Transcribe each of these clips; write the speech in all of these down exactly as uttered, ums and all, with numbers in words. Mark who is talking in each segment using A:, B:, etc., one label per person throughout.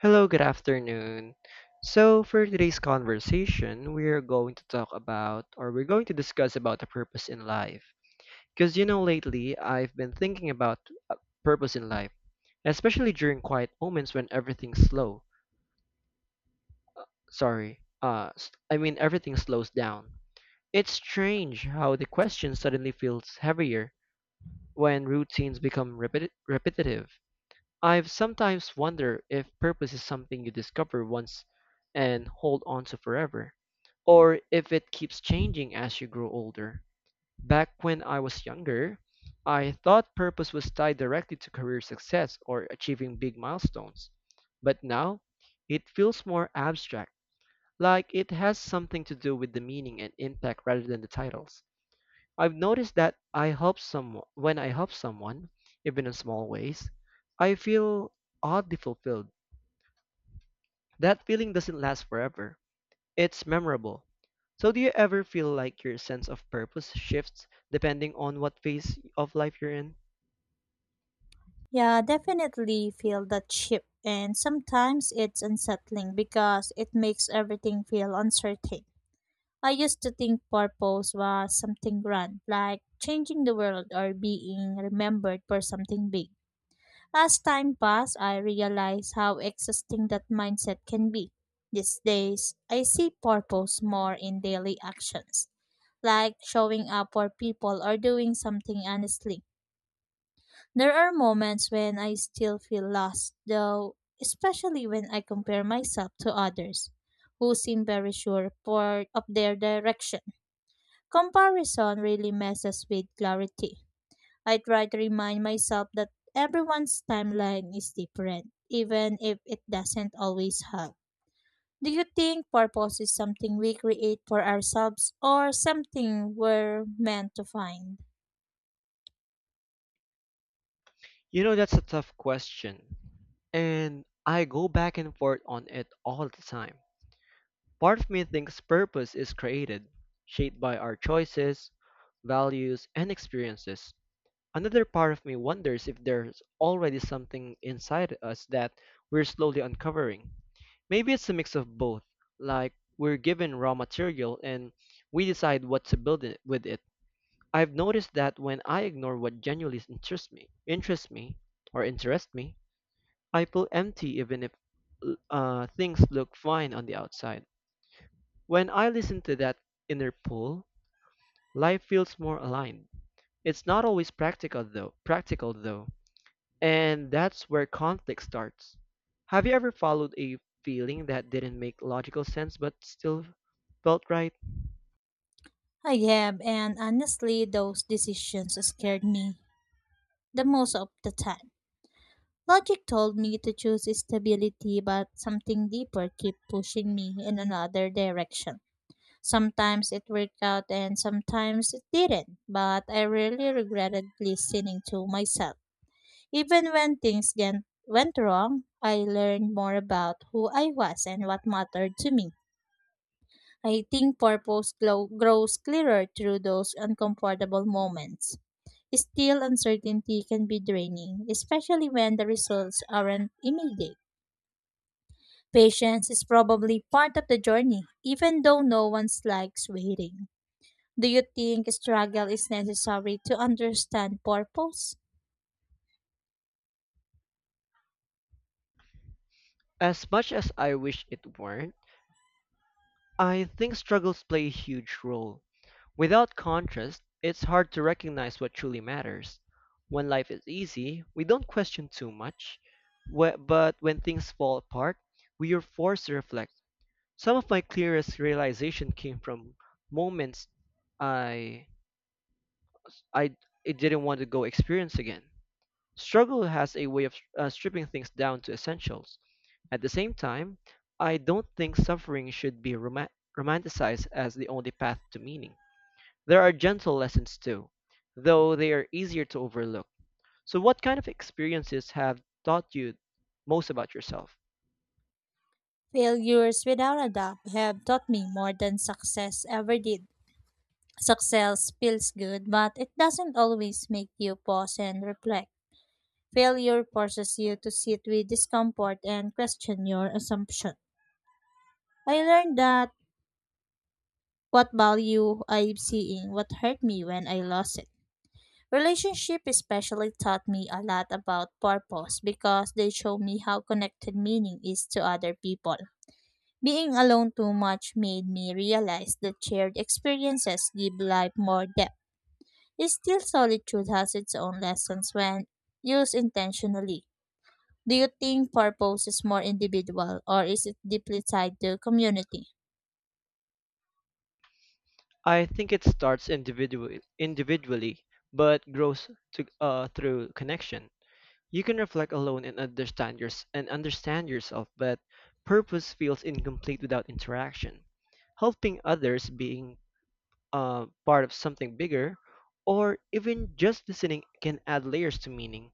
A: Hello, good afternoon. So, for today's conversation, we're going to talk about or we're going to discuss about the purpose in life. Because you know, lately I've been thinking about uh, purpose in life, especially during quiet moments when everything's slow. Sorry, uh, s- I mean everything slows down. It's strange how the question suddenly feels heavier when routines become repeti- repetitive. I've sometimes wondered if purpose is something you discover once and hold on to forever, or if it keeps changing as you grow older. Back when I was younger, I thought purpose was tied directly to career success or achieving big milestones. But now, it feels more abstract, like it has something to do with the meaning and impact rather than the titles. I've noticed that I help some when I help someone, even in small ways, I feel oddly fulfilled. That feeling doesn't last forever. It's memorable. So do you ever feel like your sense of purpose shifts depending on what phase of life you're in?
B: Yeah, definitely feel that chip. And sometimes it's unsettling because it makes everything feel uncertain. I used to think purpose was something grand, like changing the world or being remembered for something big. As time passed, I realized how exhausting that mindset can be. These days, I see purpose more in daily actions, like showing up for people or doing something honestly. There are moments when I still feel lost, though, especially when I compare myself to others who seem very sure for, of their direction. Comparison really messes with clarity. I try to remind myself that everyone's timeline is different, even if it doesn't always help. Do you think purpose is something we create for ourselves or something we're meant to find?
A: You know that's a tough question, and I go back and forth on it all the time. Part of me thinks purpose is created, shaped by our choices, values, and experiences. Another part of me wonders if there's already something inside us that we're slowly uncovering. Maybe it's a mix of both, like we're given raw material and we decide what to build it with it. I've noticed that when I ignore what genuinely interests me, interests me or interests me, I feel empty even if uh, things look fine on the outside. When I listen to that inner pull, life feels more aligned. It's not always practical though. Practical though. And that's where conflict starts. Have you ever followed a feeling that didn't make logical sense but still felt right?
B: I have, and honestly, those decisions scared me the most of the time. Logic told me to choose stability, but something deeper kept pushing me in another direction. Sometimes it worked out and sometimes it didn't, but I really regretted listening to myself. Even when things gen- went wrong, I learned more about who I was and what mattered to me. I think purpose glow, grows clearer through those uncomfortable moments. Still, uncertainty can be draining, especially when the results aren't immediate. Patience is probably part of the journey, even though no one likes waiting. Do you think struggle is necessary to understand purpose?
A: As much as I wish it weren't, I think struggles play a huge role. Without contrast, it's hard to recognize what truly matters. When life is easy, we don't question too much. Wh- but when things fall apart, we are forced to reflect. Some of my clearest realization came from moments I I, I didn't want to go experience again. Struggle has a way of uh, stripping things down to essentials. At the same time, I don't think suffering should be roma- romanticized as the only path to meaning. There are gentle lessons too, though they are easier to overlook. So, what kind of experiences have taught you most about yourself?
B: Failures, without a doubt, have taught me more than success ever did. Success feels good, but it doesn't always make you pause and reflect. Failure forces you to sit with discomfort and question your assumption. I learned that what value I'm seeing, what hurt me when I lost it. Relationship especially taught me a lot about purpose because they show me how connected meaning is to other people. Being alone too much made me realize that shared experiences give life more depth. Still, solitude has its own lessons when used intentionally. Do you think purpose is more individual or is it deeply tied to community?
A: I think it starts individu- individually, but grows to, uh, through connection. You can reflect alone and understand your, and understand yourself, but purpose feels incomplete without interaction. Helping others, being uh, part of something bigger, or even just listening can add layers to meaning.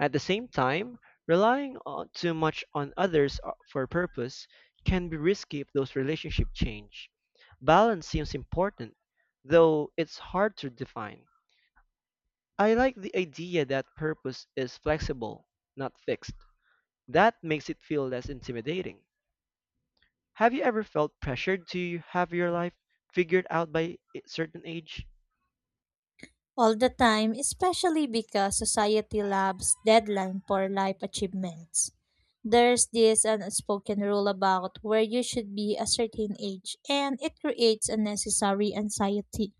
A: At the same time, relying on, too much on others uh, for purpose can be risky if those relationships change. Balance seems important, though it's hard to define. I like the idea that purpose is flexible, not fixed, that makes it feel less intimidating. Have you ever felt pressured to have your life figured out by a certain age?
B: All the time, especially because society loves deadline for life achievements. There's this unspoken rule about where you should be a certain age, and it creates unnecessary anxiety.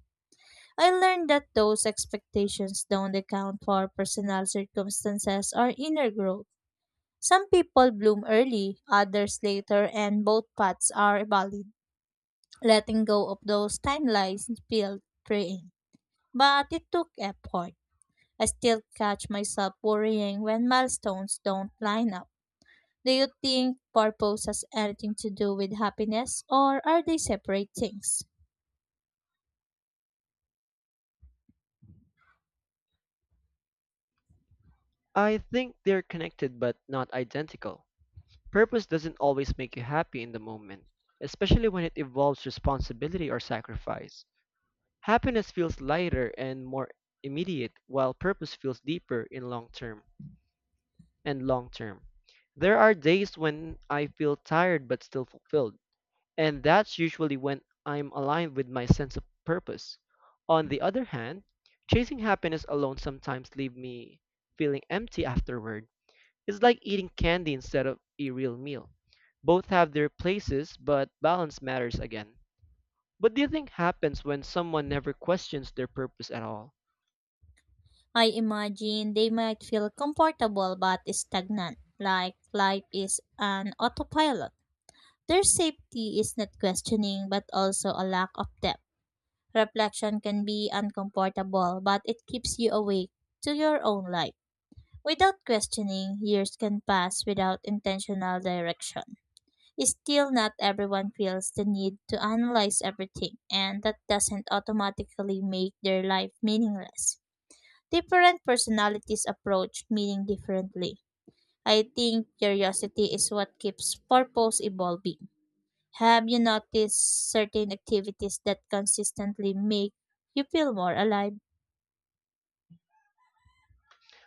B: I learned that those expectations don't account for personal circumstances or inner growth. Some people bloom early, others later, and both paths are valid. Letting go of those timelines felt freeing, but it took effort. I still catch myself worrying when milestones don't line up. Do you think purpose has anything to do with happiness, or are they separate things?
A: I think they're connected but not identical. Purpose doesn't always make you happy in the moment, especially when it involves responsibility or sacrifice. Happiness feels lighter and more immediate, while purpose feels deeper in long term and long term. There are days when I feel tired but still fulfilled, and that's usually when I'm aligned with my sense of purpose. On the other hand, chasing happiness alone sometimes leaves me feeling empty afterward. It's like eating candy instead of a real meal. Both have their places, but balance matters again. What do you think happens when someone never questions their purpose at all?
B: I imagine they might feel comfortable but stagnant, like life is an autopilot. Their safety is not questioning but also a lack of depth. Reflection can be uncomfortable, but it keeps you awake to your own life. Without questioning, years can pass without intentional direction. Still, not everyone feels the need to analyze everything, and that doesn't automatically make their life meaningless. Different personalities approach meaning differently. I think curiosity is what keeps purpose evolving. Have you noticed certain activities that consistently make you feel more alive?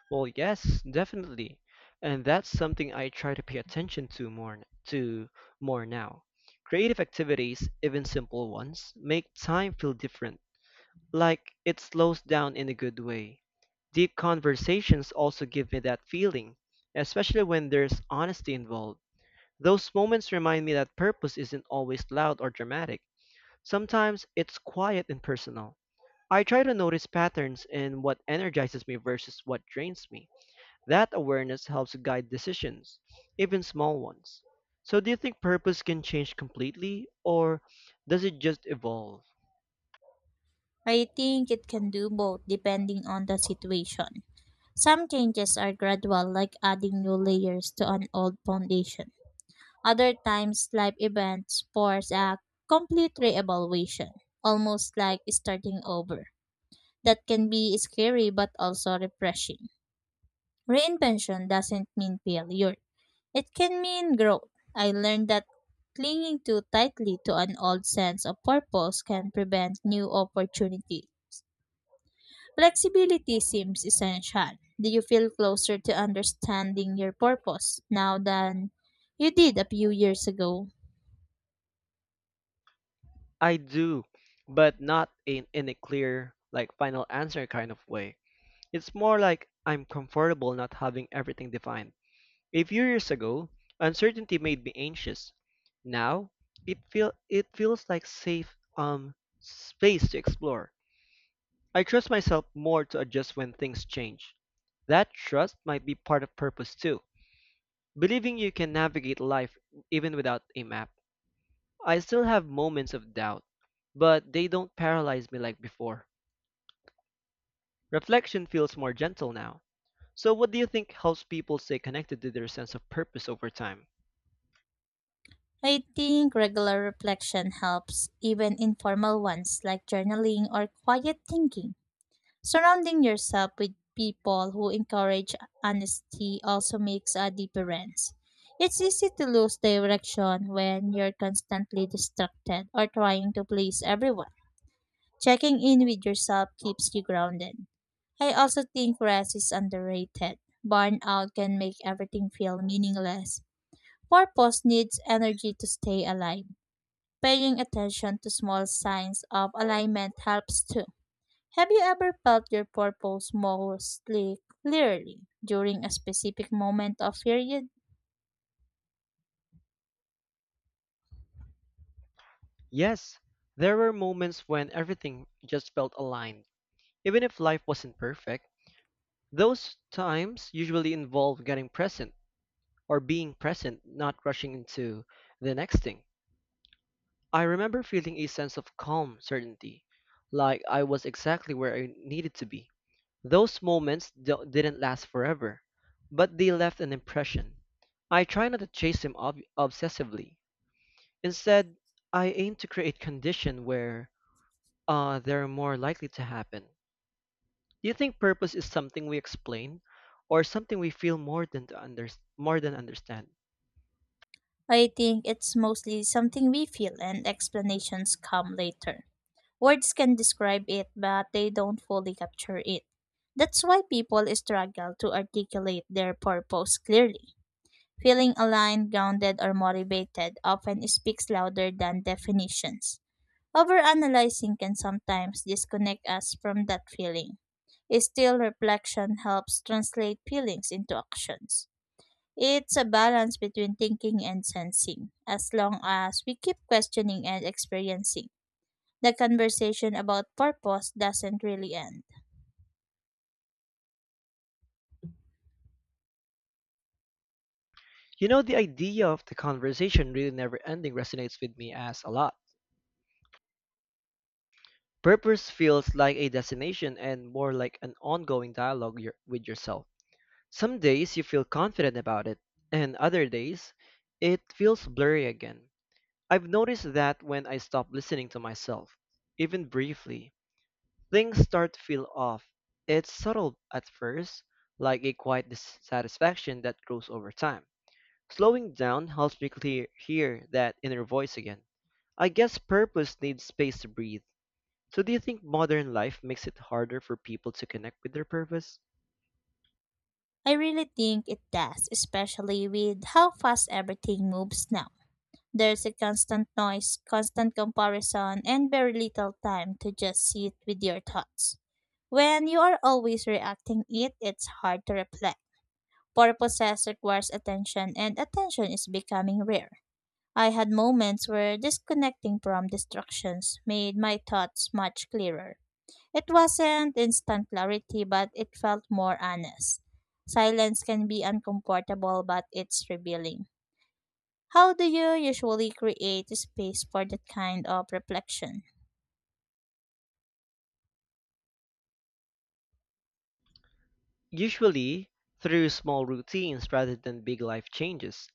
A: Well, yes, definitely. And that's something I try to pay attention to more to more now. Creative activities, even simple ones, make time feel different, like it slows down in a good way. Deep conversations also give me that feeling, especially when there's honesty involved. Those moments remind me that purpose isn't always loud or dramatic. Sometimes it's quiet and personal. I try to notice patterns in what energizes me versus what drains me. That awareness helps guide decisions, even small ones. So, do you think purpose can change completely, or does it just evolve?
B: I think it can do both depending on the situation. Some changes are gradual, like adding new layers to an old foundation. Other times, life events force a complete reevaluation, almost like starting over. That can be scary but also refreshing. Reinvention doesn't mean failure, it can mean growth. I learned that clinging too tightly to an old sense of purpose can prevent new opportunity. Flexibility seems essential. Do you feel closer to understanding your purpose now than you did a few years ago?
A: I do, but not in, in a clear, like final answer kind of way. It's more like I'm comfortable not having everything defined. A few years ago, uncertainty made me anxious. Now, it feel it feels like safe um space to explore. I trust myself more to adjust when things change. That trust might be part of purpose too, believing you can navigate life even without a map. I still have moments of doubt, but they don't paralyze me like before. Reflection feels more gentle now. So, what do you think helps people stay connected to their sense of purpose over time?
B: I think regular reflection helps, even informal ones like journaling or quiet thinking. Surrounding yourself with people who encourage honesty also makes a difference. It's easy to lose direction when you're constantly distracted or trying to please everyone. Checking in with yourself keeps you grounded. I also think rest is underrated. Burnout can make everything feel meaningless. Purpose needs energy to stay alive. Paying attention to small signs of alignment helps too. Have you ever felt your purpose mostly clearly during a specific moment of period?
A: Yes, there were moments when everything just felt aligned. Even if life wasn't perfect, those times usually involve getting present or being present, not rushing into the next thing. I remember feeling a sense of calm certainty, like I was exactly where I needed to be. Those moments do- didn't last forever, but they left an impression. I try not to chase them ob- obsessively. Instead, I aim to create conditions where uh, they're more likely to happen. Do you think purpose is something we explain, or something we feel more than to under- more than understand?
B: I think it's mostly something we feel and explanations come later. Words can describe it, but they don't fully capture it. That's why people struggle to articulate their purpose clearly. Feeling aligned, grounded, or motivated often speaks louder than definitions. Overanalyzing can sometimes disconnect us from that feeling. Still, reflection helps translate feelings into actions. It's a balance between thinking and sensing, as long as we keep questioning and experiencing, the conversation about purpose doesn't really end.
A: You know, the idea of the conversation really never ending resonates with me as a lot. Purpose feels like a destination and more like an ongoing dialogue your, with yourself. Some days you feel confident about it, and other days it feels blurry again. I've noticed that when I stop listening to myself, even briefly, things start to feel off. It's subtle at first, like a quiet dissatisfaction that grows over time. Slowing down helps me clear, hear that inner voice again. I guess purpose needs space to breathe. So, do you think modern life makes it harder for people to connect with their purpose?
B: I really think it does, especially with how fast everything moves now. There's a constant noise, constant comparison, and very little time to just sit with your thoughts. When you are always reacting it, it's hard to reflect. Purposes requires attention, and attention is becoming rare. I had moments where disconnecting from distractions made my thoughts much clearer. It wasn't instant clarity, but it felt more honest. Silence can be uncomfortable, but it's revealing. How do you usually create space for that kind of reflection?
A: Usually, through small routines rather than big life changes.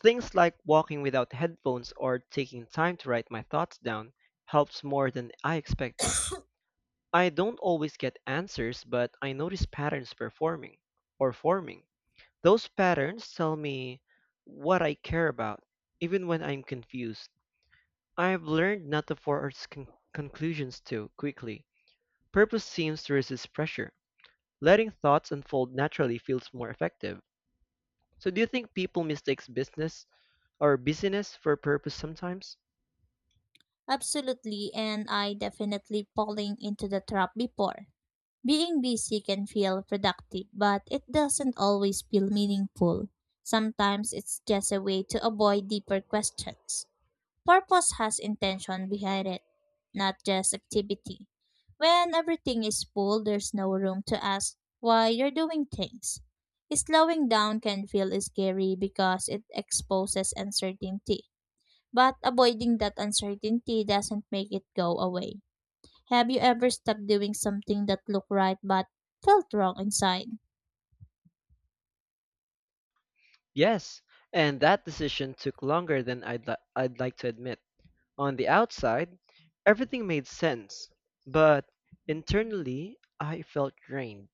A: Things like walking without headphones or taking time to write my thoughts down helps more than I expected. I don't always get answers, but I notice patterns performing or forming. Those patterns tell me what I care about, even when I'm confused. I've learned not to force con- conclusions too quickly. Purpose seems to resist pressure. Letting thoughts unfold naturally feels more effective. So, do you think people mistakes business or busyness for purpose sometimes?
B: Absolutely, and I definitely falling into the trap before. Being busy can feel productive, but it doesn't always feel meaningful. Sometimes it's just a way to avoid deeper questions. Purpose has intention behind it, not just activity. When everything is full, there's no room to ask why you're doing things. Slowing down can feel scary because it exposes uncertainty, but avoiding that uncertainty doesn't make it go away. Have you ever stuck doing something that looked right but felt wrong inside?
A: Yes, and that decision took longer than I'd, li- I'd like to admit. On the outside, everything made sense, but internally, I felt drained.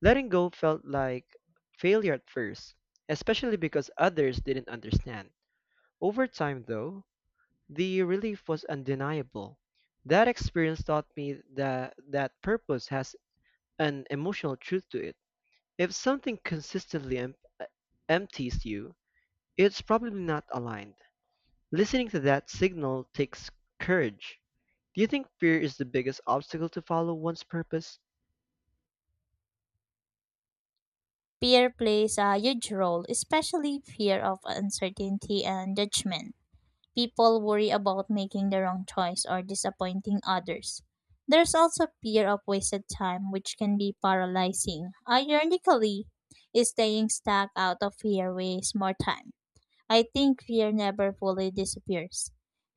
A: Letting go felt like failure at first, especially because others didn't understand. Over time, though, the relief was undeniable. That experience taught me that, that purpose has an emotional truth to it. If something consistently em- uh, empties you, it's probably not aligned. Listening to that signal takes courage. Do you think fear is the biggest obstacle to follow one's purpose?
B: Fear plays a huge role, especially fear of uncertainty and judgment. People worry about making the wrong choice or disappointing others. There's also fear of wasted time, which can be paralyzing. Ironically, staying stuck out of fear wastes more time. I think fear never fully disappears.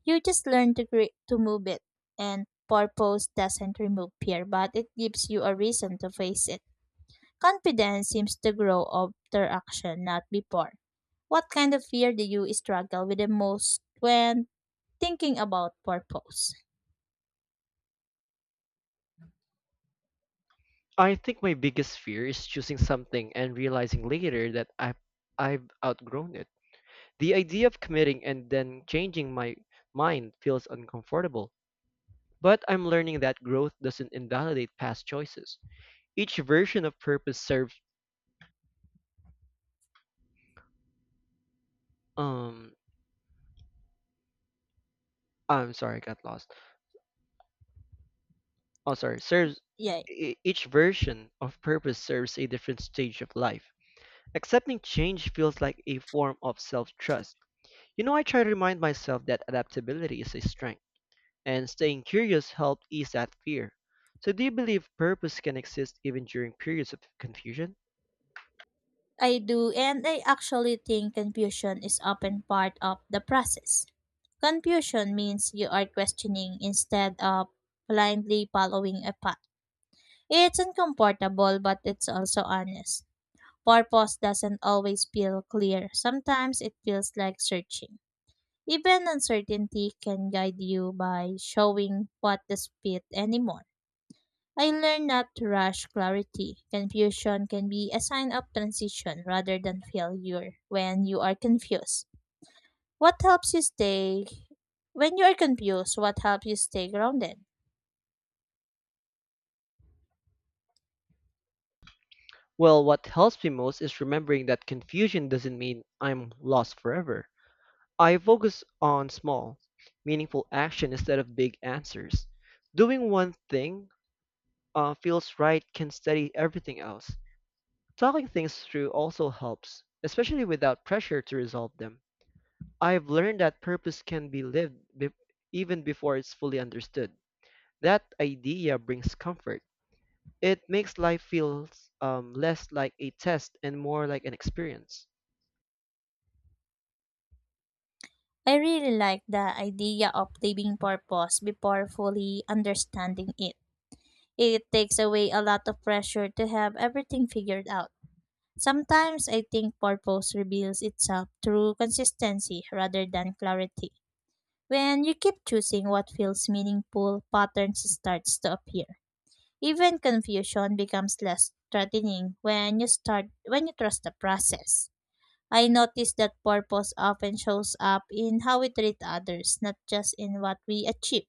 B: You just learn to cre- to move it, and purpose doesn't remove fear, but it gives you a reason to face it. Confidence seems to grow after action, not before. What kind of fear do you struggle with the most when thinking about purpose?
A: I think my biggest fear is choosing something and realizing later that I've, I've outgrown it. The idea of committing and then changing my mind feels uncomfortable, but I'm learning that growth doesn't invalidate past choices. Each version of purpose serves um I'm sorry, I got lost. Oh, sorry. Serves
B: Yeah,
A: e- each version of purpose serves a different stage of life. Accepting change feels like a form of self-trust. You know, I try to remind myself that adaptability is a strength and staying curious helped ease that fear. So, do you believe purpose can exist even during periods of confusion?
B: I do, and I actually think confusion is often part of the process. Confusion means you are questioning instead of blindly following a path. It's uncomfortable, but it's also honest. Purpose doesn't always feel clear. Sometimes it feels like searching. Even uncertainty can guide you by showing what does fit anymore. I learned not to rush clarity. Confusion can be a sign of transition rather than failure when you are confused. What helps you stay when you are confused? What helps you stay grounded?
A: Well, what helps me most is remembering that confusion doesn't mean I'm lost forever. I focus on small, meaningful action instead of big answers. Doing one thing uh, feels right can steady everything else. Talking things through also helps, especially without pressure to resolve them. I've learned that purpose can be lived be- even before it's fully understood. That idea brings comfort. It makes life feel um, less like a test and more like an experience.
B: I really like the idea of living purpose before fully understanding it. It takes away a lot of pressure to have everything figured out. Sometimes I think purpose reveals itself through consistency rather than clarity. When you keep choosing what feels meaningful, patterns starts to appear. Even confusion becomes less threatening when you start when you trust the process. I notice that purpose often shows up in how we treat others, not just in what we achieve.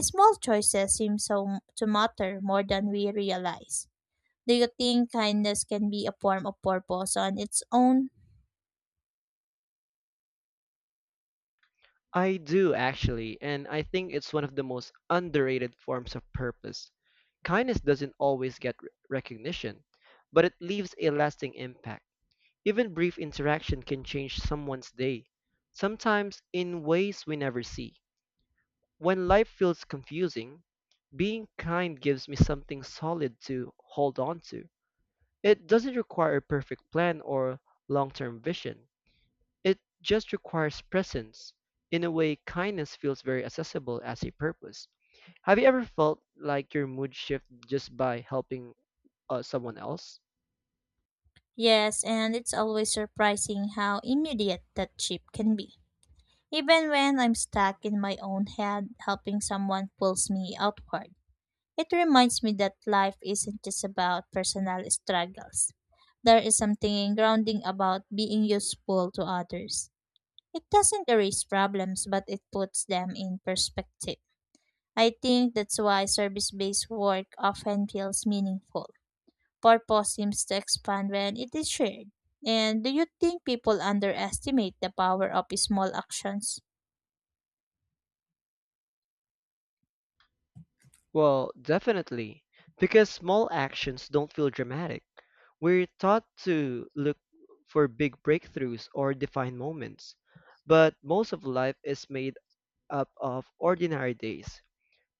B: Small choices seem so to matter more than we realize. Do you think kindness can be a form of purpose on its own?
A: I do actually, and I think it's one of the most underrated forms of purpose. Kindness doesn't always get re- recognition, but it leaves a lasting impact. Even brief interaction can change someone's day, sometimes in ways we never see. When life feels confusing, being kind gives me something solid to hold on to. It doesn't require a perfect plan or long term vision, it just requires presence. In a way, kindness feels very accessible as a purpose. Have you ever felt like your mood shifted just by helping uh, someone else?
B: Yes, and it's always surprising how immediate that chip can be. Even when I'm stuck in my own head, helping someone pulls me outward. It reminds me that life isn't just about personal struggles. There is something grounding about being useful to others. It doesn't erase problems, but it puts them in perspective. I think that's why service based work often feels meaningful. Purpose seems to expand when it is shared. And do you think people underestimate the power of small actions?
A: Well, definitely, because small actions don't feel dramatic. We're taught to look for big breakthroughs or defined moments, but most of life is made up of ordinary days.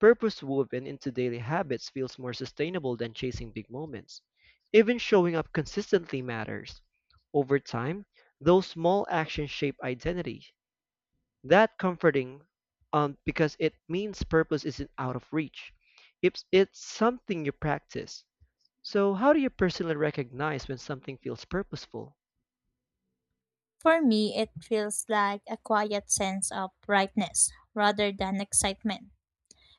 A: Purpose woven into daily habits feels more sustainable than chasing big moments. Even showing up consistently matters. Over time, those small actions shape identity. That comforting um, because it means purpose isn't out of reach. It's, it's something you practice. So, how do you personally recognize when something feels purposeful?
B: For me, it feels like a quiet sense of brightness rather than excitement.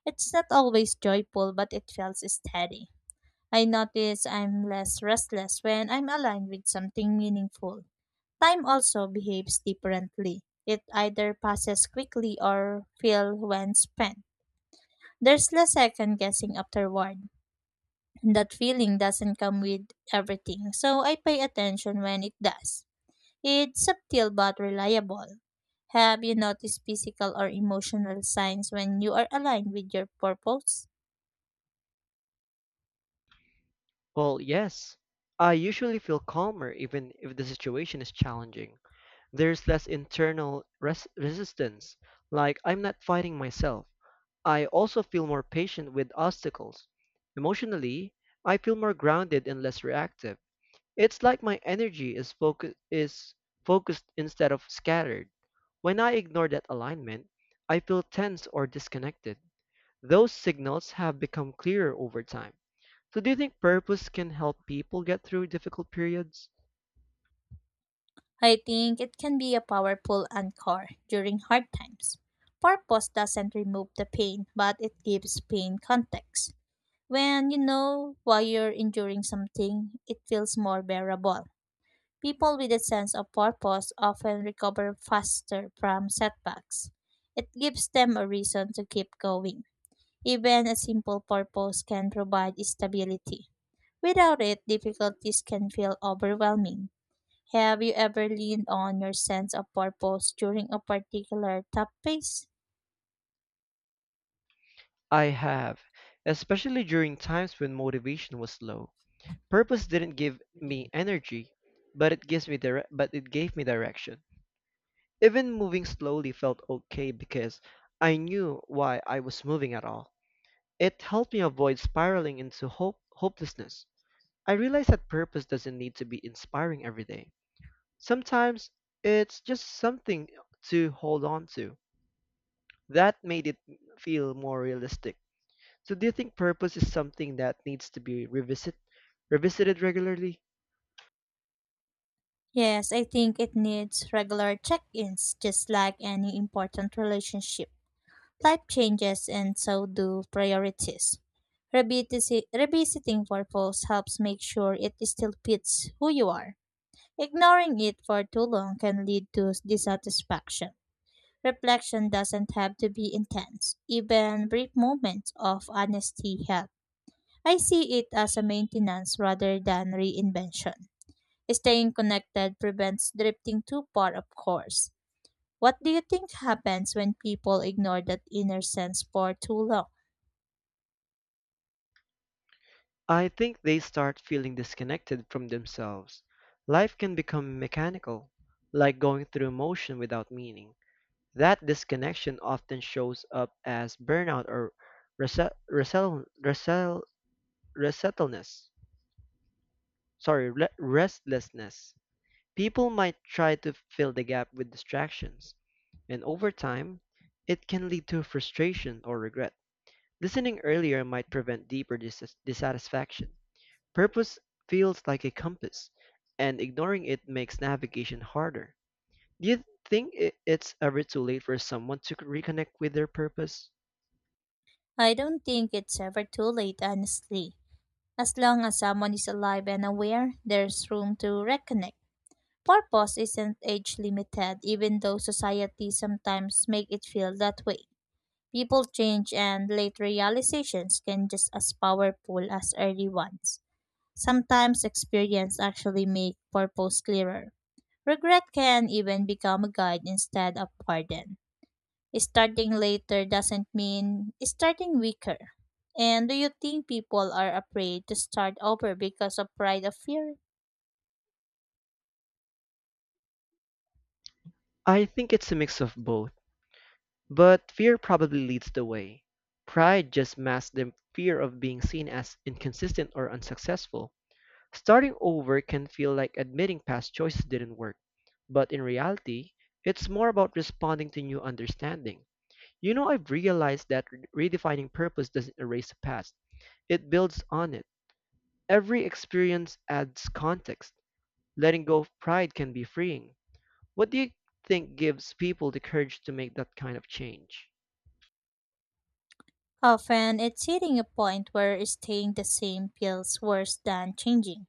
B: It's not always joyful, but it feels steady. I notice I'm less restless when I'm aligned with something meaningful. Time also behaves differently. It either passes quickly or feels when spent. There's less second guessing afterward. That feeling doesn't come with everything, so I pay attention when it does. It's subtle but reliable. Have you noticed physical or emotional signs when you are aligned with your purpose?
A: Well, yes, I usually feel calmer even if the situation is challenging. There's less internal res- resistance, like I'm not fighting myself. I also feel more patient with obstacles. Emotionally, I feel more grounded and less reactive. It's like my energy is focus is focused instead of scattered. When I ignore that alignment, I feel tense or disconnected. Those signals have become clearer over time. So do you think purpose can help people get through difficult periods?
B: I think it can be a powerful anchor during hard times. Purpose doesn't remove the pain, but it gives pain context. When you know why you're enduring something, it feels more bearable. People with a sense of purpose often recover faster from setbacks. It gives them a reason to keep going. Even a simple purpose can provide stability. Without it, difficulties can feel overwhelming. Have you ever leaned on your sense of purpose during a particular tough phase?
A: I have, especially during times when motivation was low. Purpose didn't give me energy, but it gives me dire- but it gave me direction. Even moving slowly felt okay because I knew why I was moving at all. It helped me avoid spiraling into hope- hopelessness. I realized that purpose doesn't need to be inspiring every day. Sometimes it's just something to hold on to. That made it feel more realistic. So do you think purpose is something that needs to be revisit revisited regularly?
B: Yes, I think it needs regular check ins, just like any important relationship. Life changes, and so do priorities. Revisit- Revisiting purpose helps make sure it still fits who you are. Ignoring it for too long can lead to dissatisfaction. Reflection doesn't have to be intense, even brief moments of honesty help. I see it as a maintenance rather than reinvention. Staying connected prevents drifting too far, of course. What do you think happens when people ignore that inner sense for too long?
A: I think they start feeling disconnected from themselves. Life can become mechanical, like going through motion without meaning. That disconnection often shows up as burnout or rese- resel- resel- resettleness. Sorry, re- restlessness. People might try to fill the gap with distractions, and over time, it can lead to frustration or regret. Listening earlier might prevent deeper dis- dissatisfaction. Purpose feels like a compass, and ignoring it makes navigation harder. Do you think i- it's ever too late for someone to reconnect with their purpose?
B: I don't think it's ever too late, honestly. As long as someone is alive and aware, there's room to reconnect. Purpose isn't age limited, even though society sometimes make it feel that way. People change and late realizations can just as powerful as early ones. Sometimes experience actually make purpose clearer. Regret can even become a guide instead of burden. Starting later doesn't mean starting weaker. And do you think people are afraid to start over because of pride or fear?
A: I think it's a mix of both, but fear probably leads the way. Pride just masks the fear of being seen as inconsistent or unsuccessful. Starting over can feel like admitting past choices didn't work, but in reality, it's more about responding to new understanding. You know, I've realized that re- redefining purpose doesn't erase the past, it builds on it. Every experience adds context. Letting go of pride can be freeing. What do you think gives people the courage to make that kind of change?
B: Often it's hitting a point where staying the same feels worse than changing.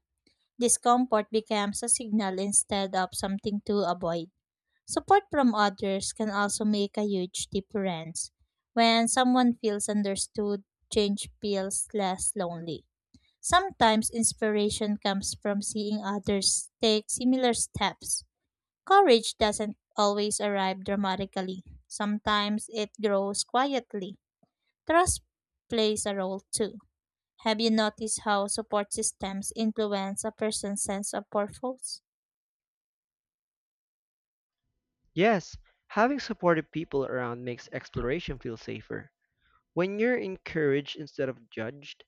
B: Discomfort becomes a signal instead of something to avoid. Support from others can also make a huge difference. When someone feels understood, change feels less lonely. Sometimes inspiration comes from seeing others take similar steps. Courage doesn't always arrive dramatically, sometimes it grows quietly. Trust plays a role too. Have you noticed how support systems influence a person's sense of purpose?
A: Yes, having supportive people around makes exploration feel safer. When you're encouraged instead of judged,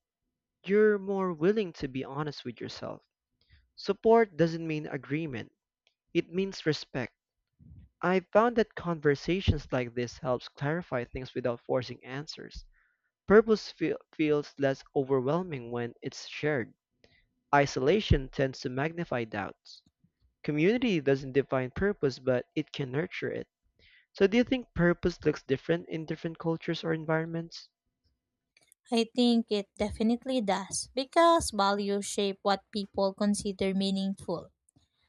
A: you're more willing to be honest with yourself. Support doesn't mean agreement, it means respect. I found that conversations like this helps clarify things without forcing answers. Purpose feel, feels less overwhelming when it's shared. Isolation tends to magnify doubts. Community doesn't define purpose, but it can nurture it. So do you think purpose looks different in different cultures or environments?
B: I think it definitely does because values shape what people consider meaningful.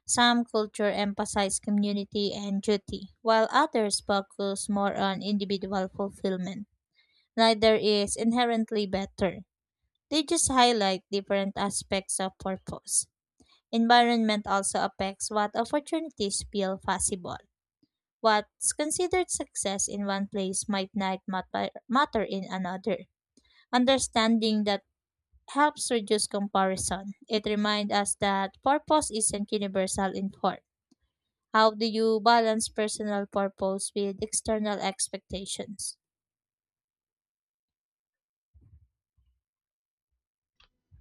B: Some culture emphasize community and duty, while others focus more on individual fulfillment. Neither is inherently better. They just highlight different aspects of purpose. Environment also affects what opportunities feel possible. What's considered success in one place might not matter matter in another. Understanding that helps reduce comparison. It reminds us that purpose isn't universal in work. How do you balance personal purpose with external expectations?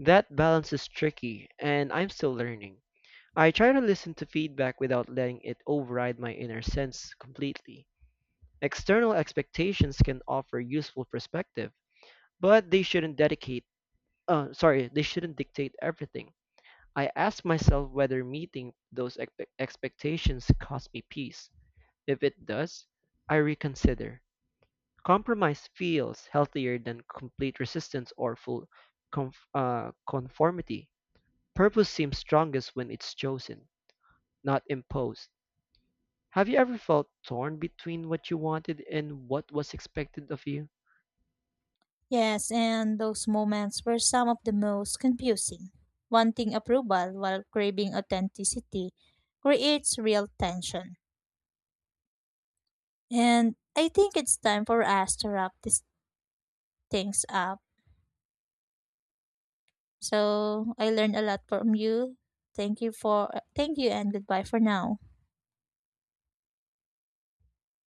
A: That balance is tricky, and I'm still learning. I try to listen to feedback without letting it override my inner sense completely. External expectations can offer useful perspective, but they shouldn't dedicate, uh, sorry, they shouldn't dictate everything. I ask myself whether meeting those expe- expectations costs me peace. If it does, I reconsider. Compromise feels healthier than complete resistance or full conf- uh, conformity. Purpose seems strongest when it's chosen, not imposed. Have you ever felt torn between what you wanted and what was expected of you?
B: Yes, and those moments were some of the most confusing. Wanting approval while craving authenticity creates real tension. And I think it's time for us to wrap these things up. So I learned a lot from you. Thank you for thank you and goodbye for now.